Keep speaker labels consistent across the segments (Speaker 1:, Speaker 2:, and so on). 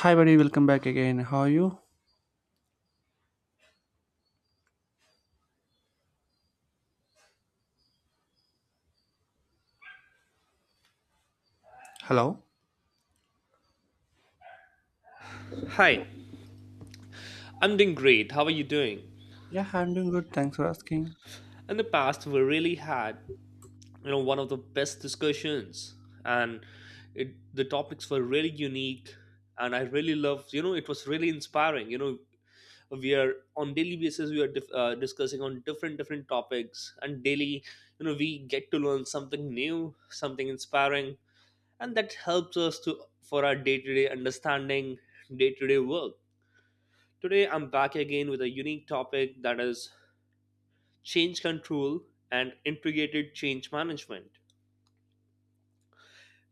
Speaker 1: Hi, buddy. Welcome back again. How are you? Hello.
Speaker 2: Hi, I'm doing great. How are you doing?
Speaker 1: Yeah, I'm doing good. Thanks for asking.
Speaker 2: In the past, we really had, you know, one of the best discussions, and it the topics were really unique, and I really loved. You know, it was really inspiring. You know, we are on daily basis we are discussing on different different topics, and daily, we get to learn something new, something inspiring, and that helps us to for our day to day understanding, day to day work. Today, I'm back again with a unique topic that is change control and integrated change management.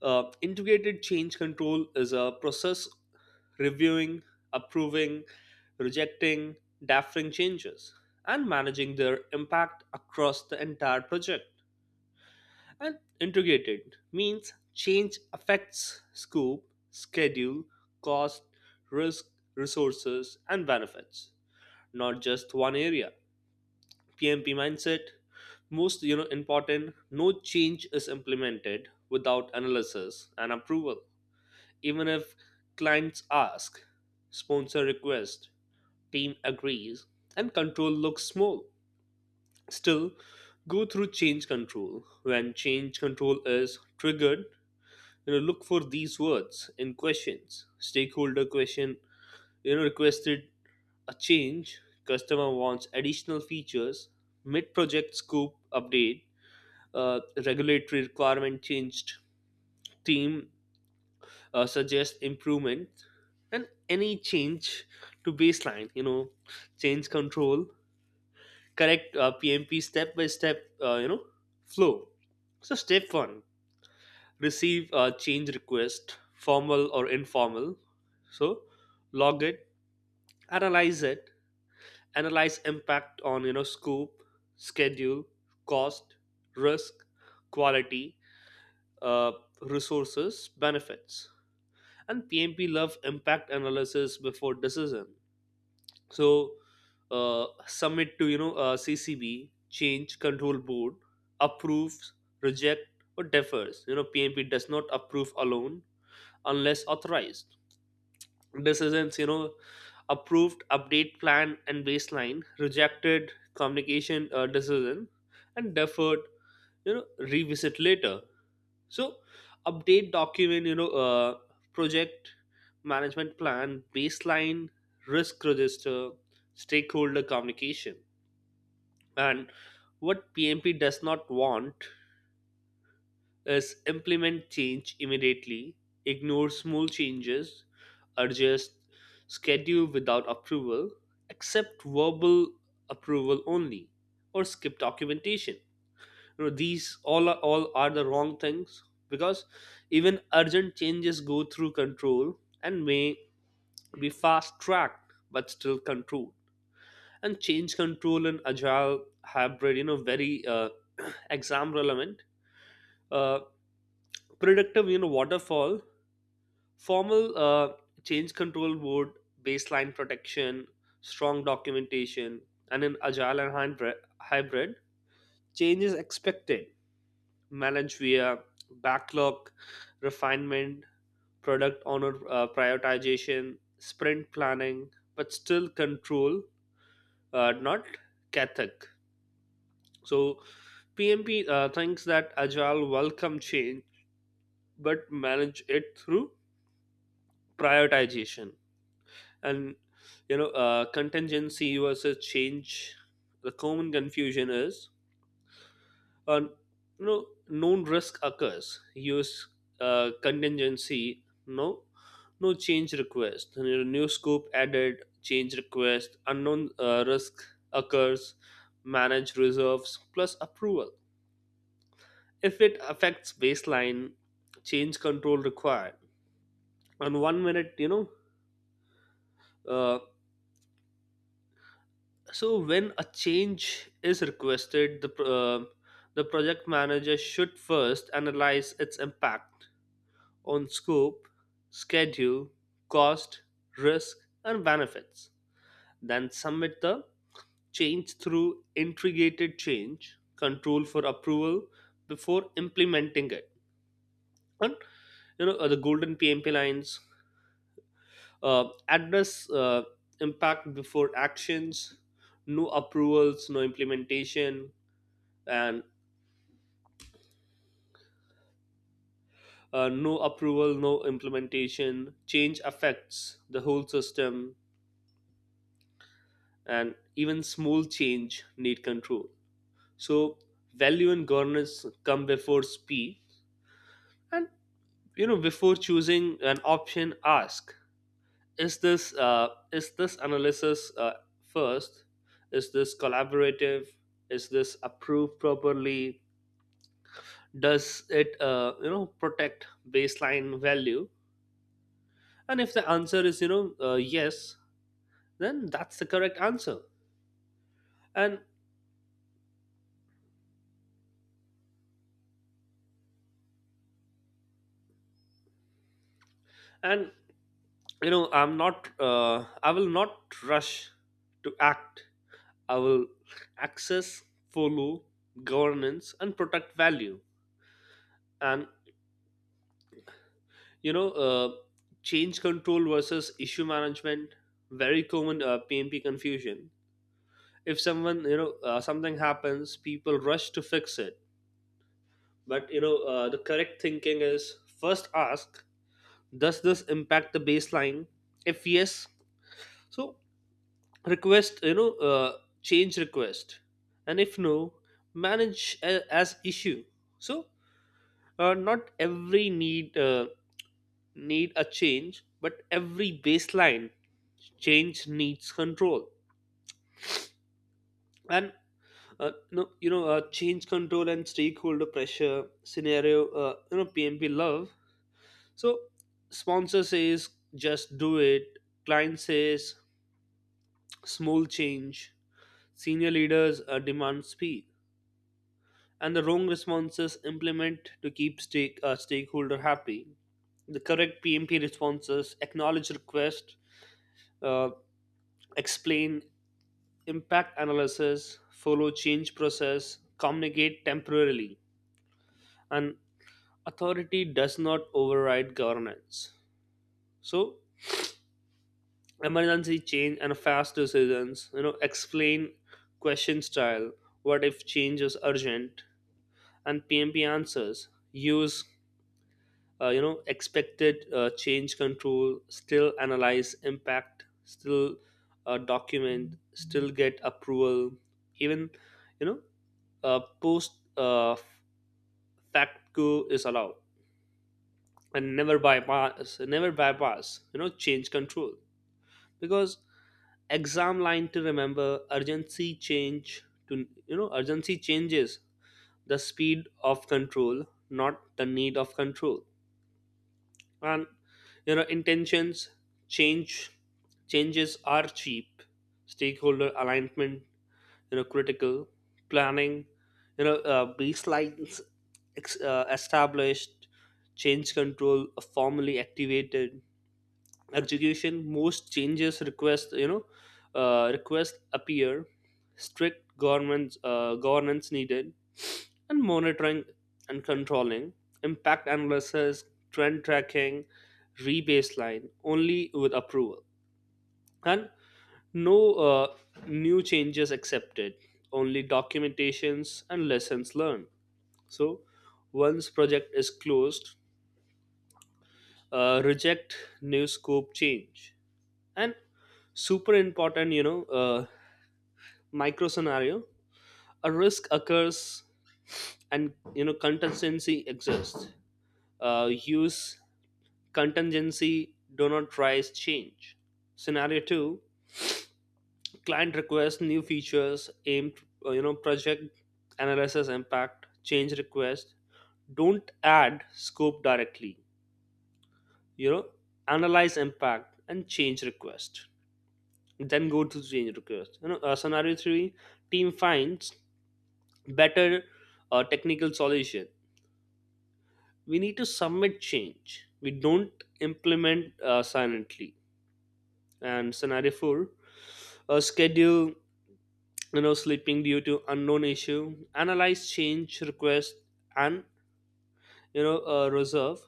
Speaker 2: Integrated change control is a process reviewing, approving, rejecting, deferring changes, and managing their impact across the entire project. And integrated means change affects scope, schedule, cost, risk, resources, and benefits, not just one area. PMP mindset. Most, important, no change is implemented without analysis and approval. Even if clients ask, sponsor request, team agrees, and control looks small. Still, go through change control. When change control is triggered, look for these words in questions. Stakeholder question, requested a change. Customer wants additional features. Mid project scope update, regulatory requirement changed, team suggests improvement, and any change to baseline, change control, correct, PMP step by step, flow. So, step one, receive a change request, formal or informal. So, log it, analyze impact on, scope, schedule, cost, risk, quality, uh, resources, benefits, and PMP love impact analysis before decision. So, submit to, CCB, change control board approves, reject, or defers. You know, PMP does not approve alone unless authorized. Decisions, approved, update plan and baseline, rejected communication, decision, and deferred, revisit later. So update document, project management plan, baseline, risk register, stakeholder communication. And what PMP does not want is implement change immediately, ignore small changes, adjust schedule without approval, accept verbal approval only, or skip documentation. You know, these all are the wrong things, because even urgent changes go through control and may be fast tracked but still controlled. And change control and agile hybrid, very exam relevant. Uh, predictive waterfall, formal, change control board, baseline protection, strong documentation. And in agile and hybrid, change is expected, manage via backlog refinement, product owner, prioritization, sprint planning, but still control, not Kathak. So PMP, thinks that agile welcome change, but manage it through prioritization and, contingency versus change. The common confusion is, uh, known risk occurs, use, contingency, no, no change request. You know, new scope added, change request. Unknown, risk occurs, manage reserves plus approval. If it affects baseline, change control required. And one minute, uh, so when a change is requested, the project manager should first analyze its impact on scope, schedule, cost, risk, and benefits. Then submit the change through integrated change control for approval before implementing it. And, the golden PMP lines, address, impact before actions, no approvals, no implementation, and, no approval, no implementation. Change affects the whole system, and even small change need control. So value and governance come before speed, and, before choosing an option, ask: is this, analysis, first? Is this collaborative? Is this approved properly? Does it, protect baseline value? And if the answer is, yes, then that's the correct answer. And and I'm, not I will not rush to act. I will access, follow, governance, and protect value. And, you know, uh, change control versus issue management, very common, PMP confusion. If someone, something happens, people rush to fix it. But, the correct thinking is first ask, does this impact the baseline? If yes, so request, change request. And if no, manage, as issue. So, not every need, need a change, but every baseline change needs control. And, no, change control and stakeholder pressure scenario, PMP love. So sponsor says just do it, client says small change, senior leaders, demand speed, and the wrong responses implement to keep, stakeholder happy. The correct PMP responses: acknowledge request, uh, explain impact analysis, follow change process, communicate temporarily. And authority does not override governance. So emergency change and fast decisions, explain question style, what if change is urgent, and PMP answers, use, expected, change control, still analyze impact, still, document, still get approval, even, you know post, fact go is allowed, and never bypass, change control, because exam line to remember: urgency change to, urgency changes the speed of control, not the need of control. And, intentions change, changes are cheap, stakeholder alignment, critical. Planning, baselines, established, change control, formally activated. Execution, most changes request, request appear, strict, governments governance needed. And monitoring and controlling, impact analysis, trend tracking, rebaseline only with approval. And no, new changes accepted, only documentations and lessons learned. So, once project is closed, reject new scope change. And super important, micro scenario: a risk occurs, and, contingency exists. Use contingency. Do not rise change. Scenario two: client requests new features, aimed, project analysis impact, change request. Don't add scope directly. You know, analyze impact and change request. Then go to change request. Scenario three, team finds better, technical solution. We need to submit change. We don't implement, silently. And scenario four, schedule, sleeping due to unknown issue, analyze change request. And, reserve,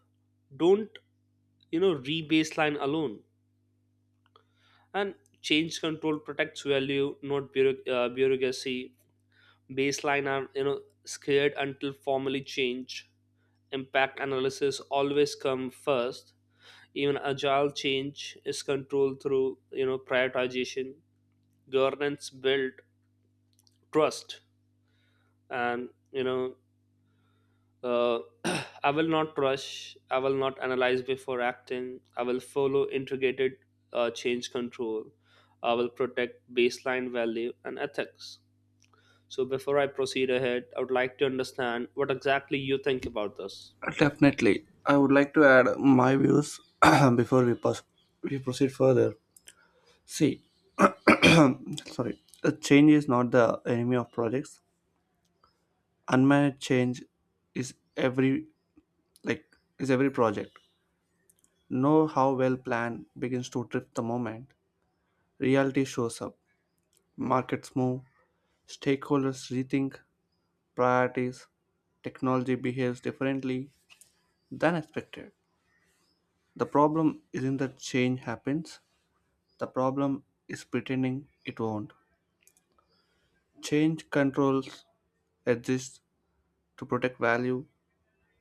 Speaker 2: don't, re-baseline alone. And change control protects value, not, bureaucracy. Baseline are, scared until formally change. Impact analysis always come first. Even agile change is controlled through, prioritization. Governance build trust. And, you know Uh, I will not rush. I will not analyze before acting. I will follow integrated, change control. I will protect baseline value and ethics. So, before I proceed ahead, I would like to understand what exactly you think about this.
Speaker 1: Definitely. I would like to add my views before we proceed further. See, sorry. Change is not the enemy of projects. Unmanaged change is every like is every project. Know how well planned begins to drift the moment reality shows up. Markets move, stakeholders rethink, priorities, technology behaves differently than expected. The problem isn't that change happens, the problem is pretending it won't. Change controls exist to protect value,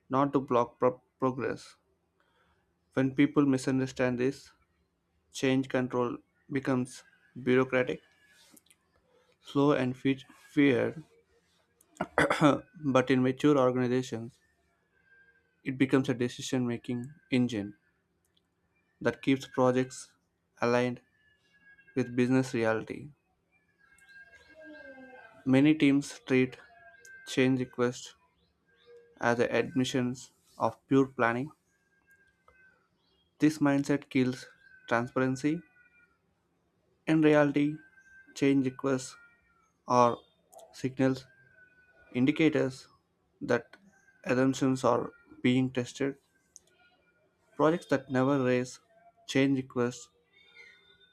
Speaker 1: not to block progress. When people misunderstand this, change control becomes bureaucratic, slow, and feared, but in mature organizations, it becomes a decision making engine that keeps projects aligned with business reality. Many teams treat change requests as admissions of pure planning. This mindset kills transparency. In reality, change requests are signals, indicators that assumptions are being tested. Projects that never raise change requests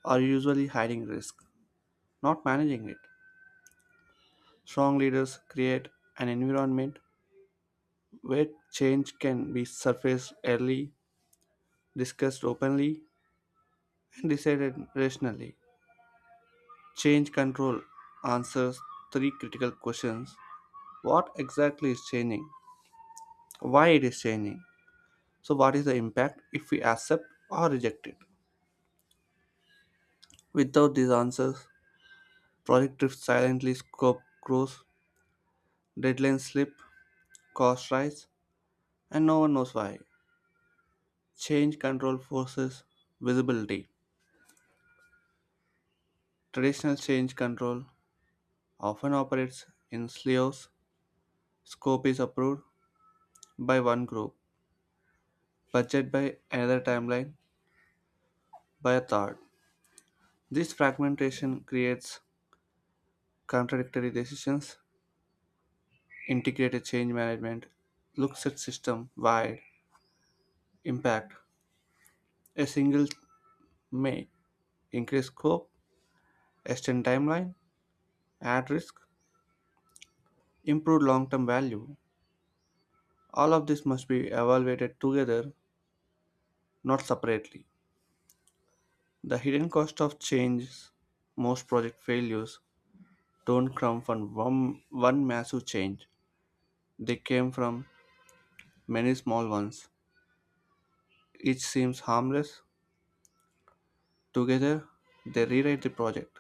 Speaker 1: are usually hiding risk, not managing it. Strong leaders create an environment where change can be surfaced early, discussed openly, and decided rationally. Change control answers three critical questions: what exactly is changing, why it is changing, so what is the impact if we accept or reject it. Without these answers, project drifts silently, scope grows, deadlines slip, costs rise, and no one knows why. Change control forces visibility. Traditional change control often operates in silos. Scope is approved by one group, budget by another, timeline by a third. This fragmentation creates contradictory decisions. Integrated change management looks at system wide impact. A single may increase scope, extend timeline, add risk, improve long term value. All of this must be evaluated together, not separately. The hidden cost of changes, most project failures don't come from one massive change. They came from many small ones. Each seems harmless. Together, they rewrite the project.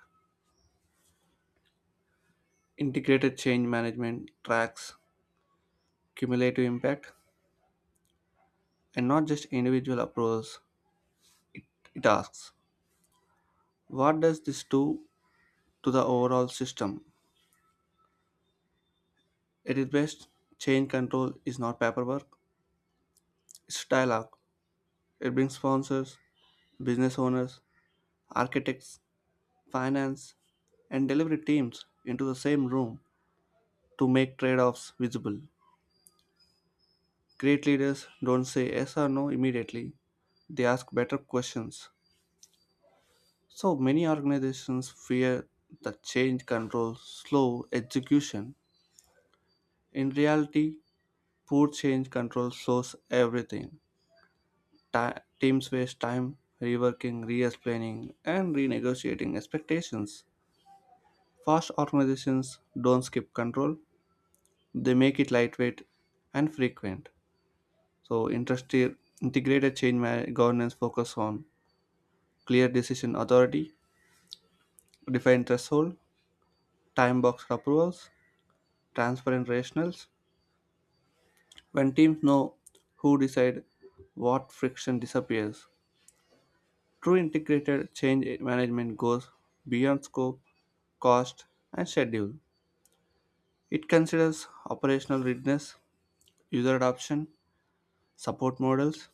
Speaker 1: Integrated change management tracks cumulative impact and not just individual approvals. It asks, what does this do to the overall system? At its best, change control is not paperwork, it's dialogue. It brings sponsors, business owners, architects, finance, and delivery teams into the same room to make trade offs visible. Great leaders don't say yes or no immediately, they ask better questions. So many organizations fear that change controls slow execution. In reality, poor change control slows everything. Teams waste time reworking, re explaining, and renegotiating expectations. Fast organizations don't skip control, they make it lightweight and frequent. So, industry integrated governance focus on clear decision authority, defined threshold, time box approvals, transparent rationals. When teams know who decide what, friction disappears. True integrated change management goes beyond scope, cost, and schedule. It considers operational readiness, user adoption, support models,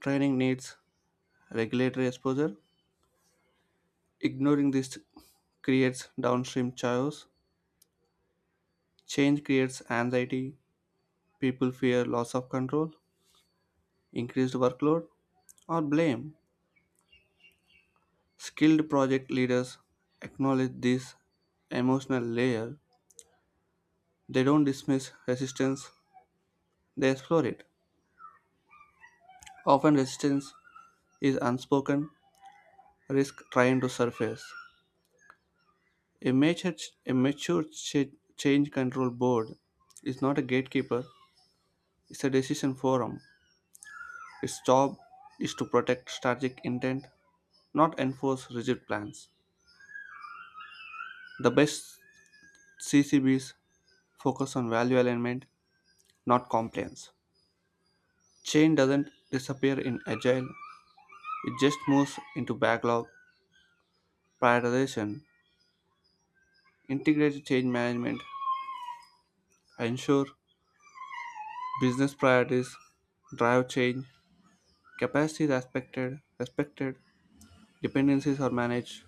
Speaker 1: training needs, regulatory exposure. Ignoring this creates downstream chaos. Change creates anxiety. People fear loss of control, increased workload, or blame. Skilled project leaders acknowledge this emotional layer. They don't dismiss resistance, they explore it. Often, resistance is unspoken risk trying to surface. A mature, a mature change control board is not a gatekeeper, it's a decision forum. Its job is to protect strategic intent, not enforce rigid plans. The best CCBs focus on value alignment, not compliance. Change doesn't disappear in agile, it just moves into backlog prioritization. Integrated change management ensure business priorities drive change, capacity respected, dependencies are managed.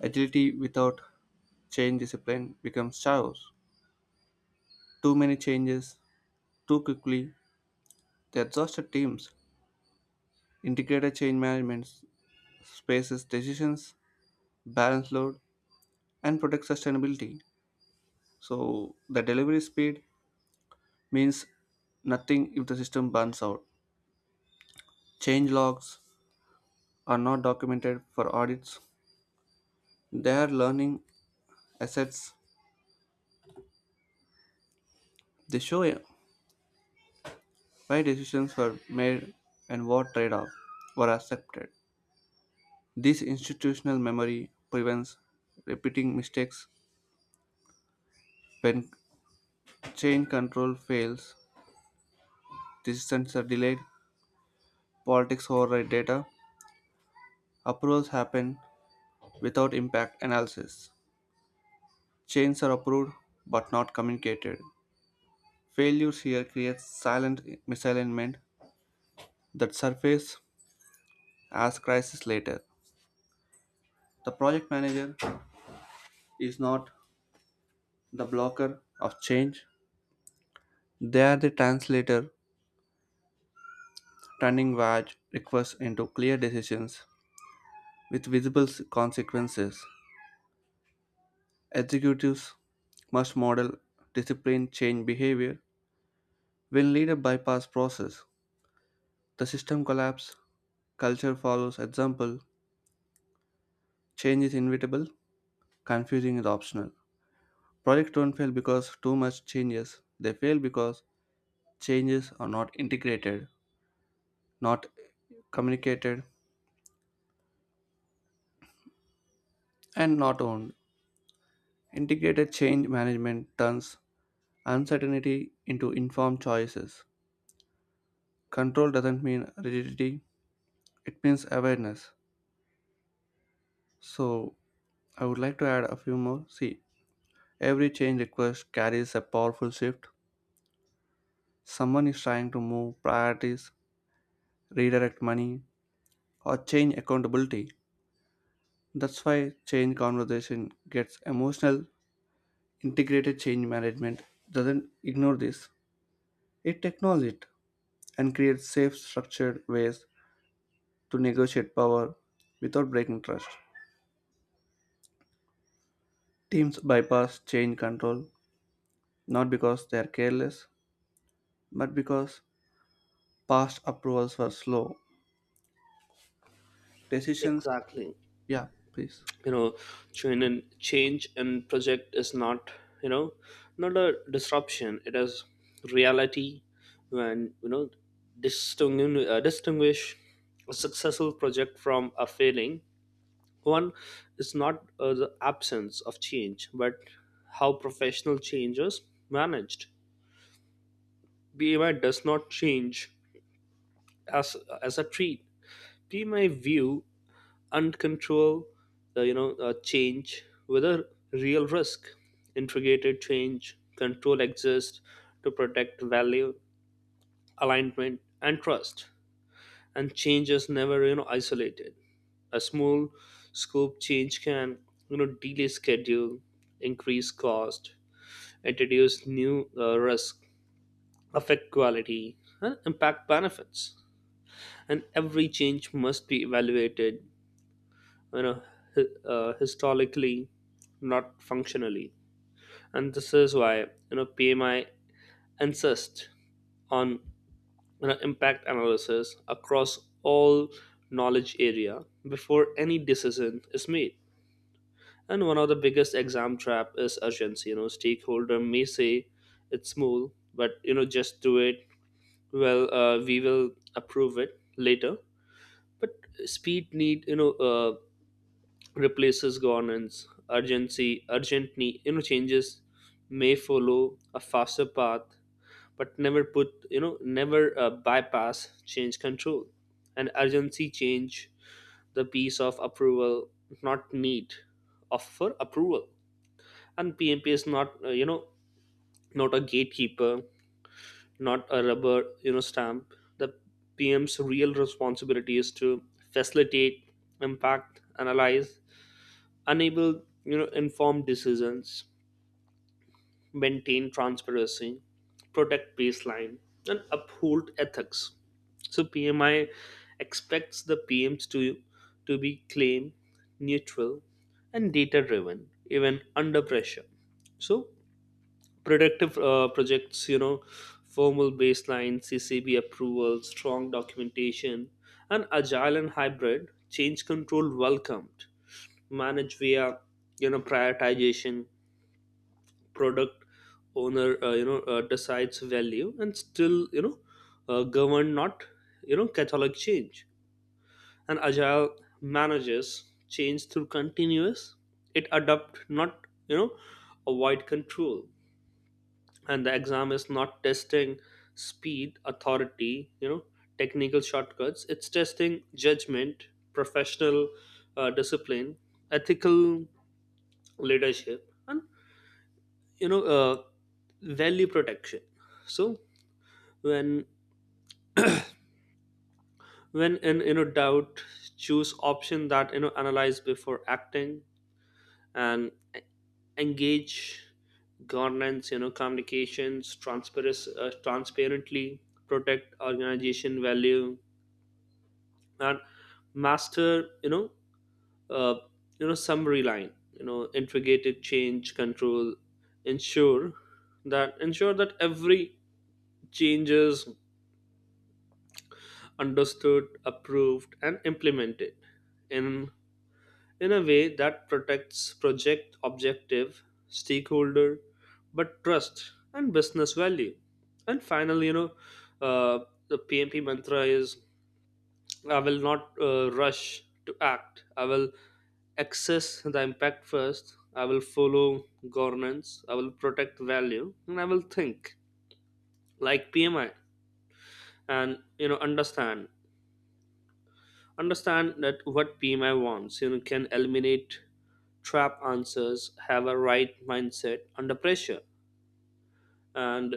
Speaker 1: Agility without change discipline becomes chaos. Too many changes, too quickly, they exhausted teams. Integrated change management spaces decisions, balance load, and protect sustainability. So the delivery speed means nothing if the system burns out. Change logs are not documented for audits. They are learning assets. They show why decisions were made and what trade offs were accepted. This institutional memory prevents repeating mistakes when change control fails. Decisions are delayed. Politics override data. Approvals happen without impact analysis. Chains are approved but not communicated. Failures here create silent misalignment that surface as crisis later. The project manager is not the blocker of change. They are the translator, turning vague requests into clear decisions with visible consequences. Executives must model disciplined change behavior when leaders bypass process. The system collapse, culture follows example, change is inevitable. Confusing is optional. Projects don't fail because too much changes. They fail because changes are not integrated, not communicated, and not owned. Integrated change management turns uncertainty into informed choices. Control doesn't mean rigidity, it means awareness. So, I would like to add a few more. See, every change request carries a powerful shift. Someone is trying to move priorities, redirect money, or change accountability. That's why change conversation gets emotional. Integrated change management doesn't ignore this. It acknowledges it and creates safe, structured ways to negotiate power without breaking trust. Teams bypass change control not because they are careless, but because past approvals were slow. Decisions,
Speaker 2: Exactly.
Speaker 1: yeah, please.
Speaker 2: You know, change and project is not, you know not a disruption, it is reality. When, distinguish, a successful project from a failing one, is not, the absence of change, but how professional change is managed. BMI does not change as as a treat. BMI view uncontrolled, change with a real risk. Integrated change control exists to protect value, alignment, and trust. And change is never, isolated. A small scope change can, delay schedule, increase cost, introduce new, risk, affect quality, and impact benefits. And every change must be evaluated, you know historically, not functionally. And this is why, PMI insists on, impact analysis across all knowledge area before any decision is made. And one of the biggest exam trap is urgency. You know, stakeholder may say it's small, but, just do it. Well, we will approve it later. But speed need, replaces governance. Urgency Urgently, changes may follow a faster path, but never put, you know, never bypass change control. And urgency change the piece of approval, not need of for approval. And PMP is not, not a gatekeeper, not a rubber, stamp. The PM's real responsibility is to facilitate, impact, analyze, enable, informed decisions, maintain transparency, protect baseline, and uphold ethics. So PMI expects the PMs to be claim neutral and data driven, even under pressure. So productive, projects, formal baseline, CCB approval, strong documentation. And agile and hybrid change control welcomed, managed via, prioritization. Product owner, decides value, and still, govern, not, catholic change. And agile manages change through continuous. It adapt, not, avoid control. And the exam is not testing speed, authority, technical shortcuts. It's testing judgment, professional, discipline, ethical leadership, and, you know uh, value protection. So, when when in, doubt, choose option that, analyze before acting. And, e- engage governance, communications, transparency, transparently, protect organization value. And master, you know uh, summary line, integrated change control ensure that every changes understood, approved, and implemented in, a way that protects project objective, stakeholder, but trust and business value. And finally, uh, the PMP mantra is: I will not rush to act. I will access the impact first. I will follow governance. I will protect value. And I will think like PMI and, you know, understand. That what PMI wants, you know, can eliminate trap answers, have a right mindset under pressure, and,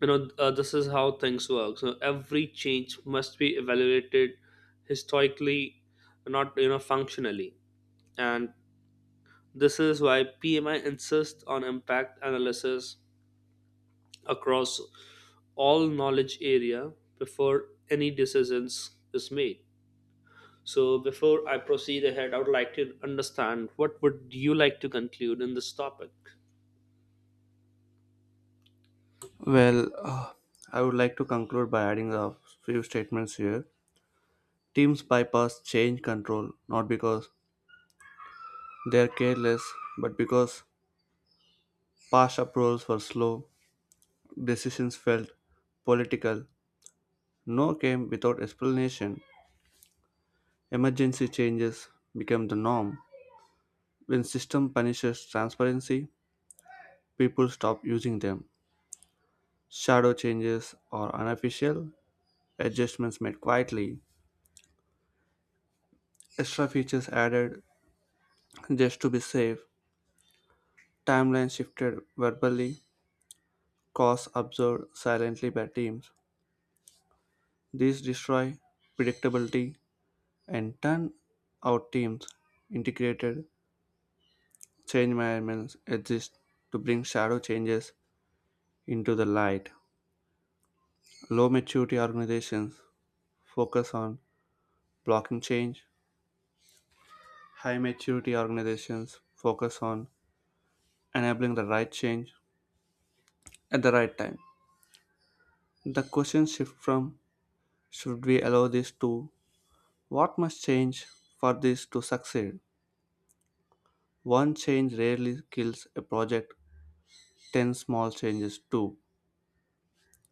Speaker 2: this is how things work. So every change must be evaluated historically, not, functionally. And this is why PMI insists on impact analysis across all knowledge area before any decisions is made. So, before I proceed ahead, I would like to understand what would you like to conclude in this topic?
Speaker 1: Well, I would like to conclude by adding a few statements here. Teams bypass change control not because they are careless, but because past approvals were slow, decisions felt political. No came without explanation. Emergency changes became the norm. When system punishes transparency, people stop using them. Shadow changes are unofficial, adjustments made quietly, extra features added just to be safe, timelines shifted verbally, costs absorbed silently by teams. These destroy predictability and turn out teams. Integrated change management exists to bring shadow changes into the light. Low maturity organizations focus on blocking change, high maturity organizations focus on enabling the right change at the right time. The question shifts from should we allow this to what must change for this to succeed? One change rarely kills a project, 10 small changes do.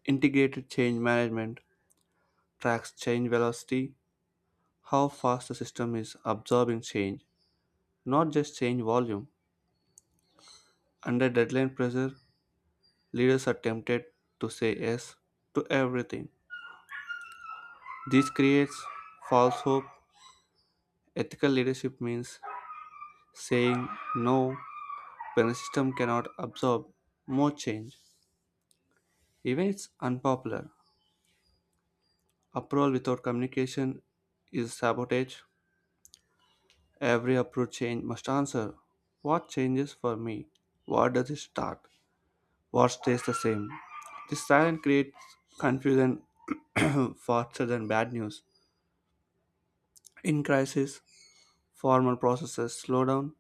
Speaker 1: Integrated change management tracks change velocity, how fast the system is absorbing change, not just change volume. Under deadline pressure, leaders are tempted to say yes to everything. This creates false hope. Ethical leadership means saying no when the system cannot absorb more change, even if it's unpopular. Approval without communication is sabotage. Every approved change must answer, what changes for me? What does it start? What stays the same. This silence creates confusion faster than bad news. In crisis, formal processes slow down,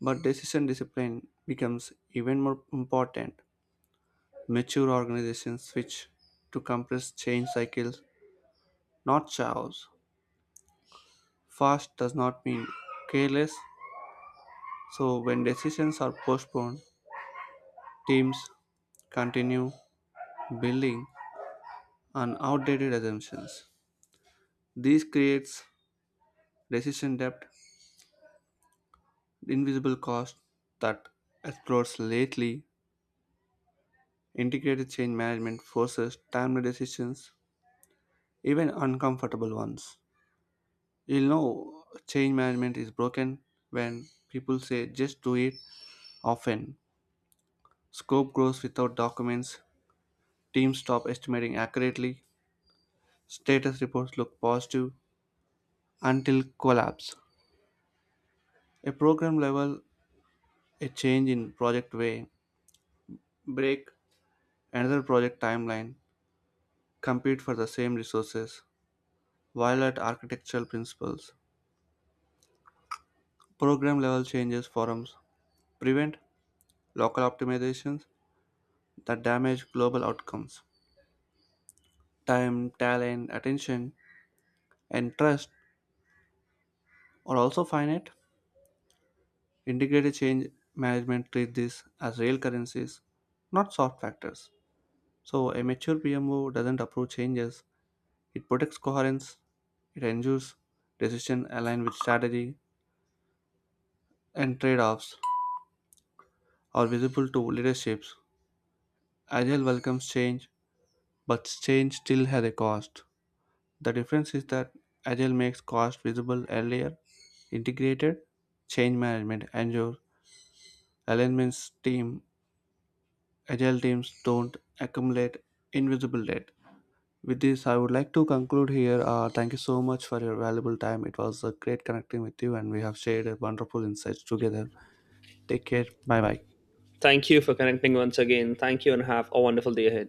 Speaker 1: but decision discipline becomes even more important. Mature organizations switch to compressed change cycles, not chaos. Fast does not mean careless, so when decisions are postponed, teams continue building on outdated assumptions. This creates decision depth, the invisible cost that explores lately. Integrated change management forces timely decisions, even uncomfortable ones. You'll know change management is broken when people say just do it often. Scope grows without documents, teams stop estimating accurately, status reports look positive until collapse. A program level, a change in project way, break another project timeline, compete for the same resources, violate architectural principles. Program level changes forums prevent local optimizations that damage global outcomes. Time, talent, attention, and trust are also finite. Integrated change management treats this as real currencies, not soft factors. So, a mature PMO doesn't approve changes, it protects coherence, it ensures decisions align with strategy, and trade offs are visible to leaderships. Agile welcomes change, but change still has a cost. The difference is that Agile makes cost visible earlier, integrated change management, and your alignments team, Agile teams don't accumulate invisible debt. With this, I would like to conclude here. Thank you so much for your valuable time. It was a great connecting with you, and we have shared a wonderful insights together. Take care. Bye bye.
Speaker 2: Thank you for connecting once again. Thank you and have a wonderful day ahead.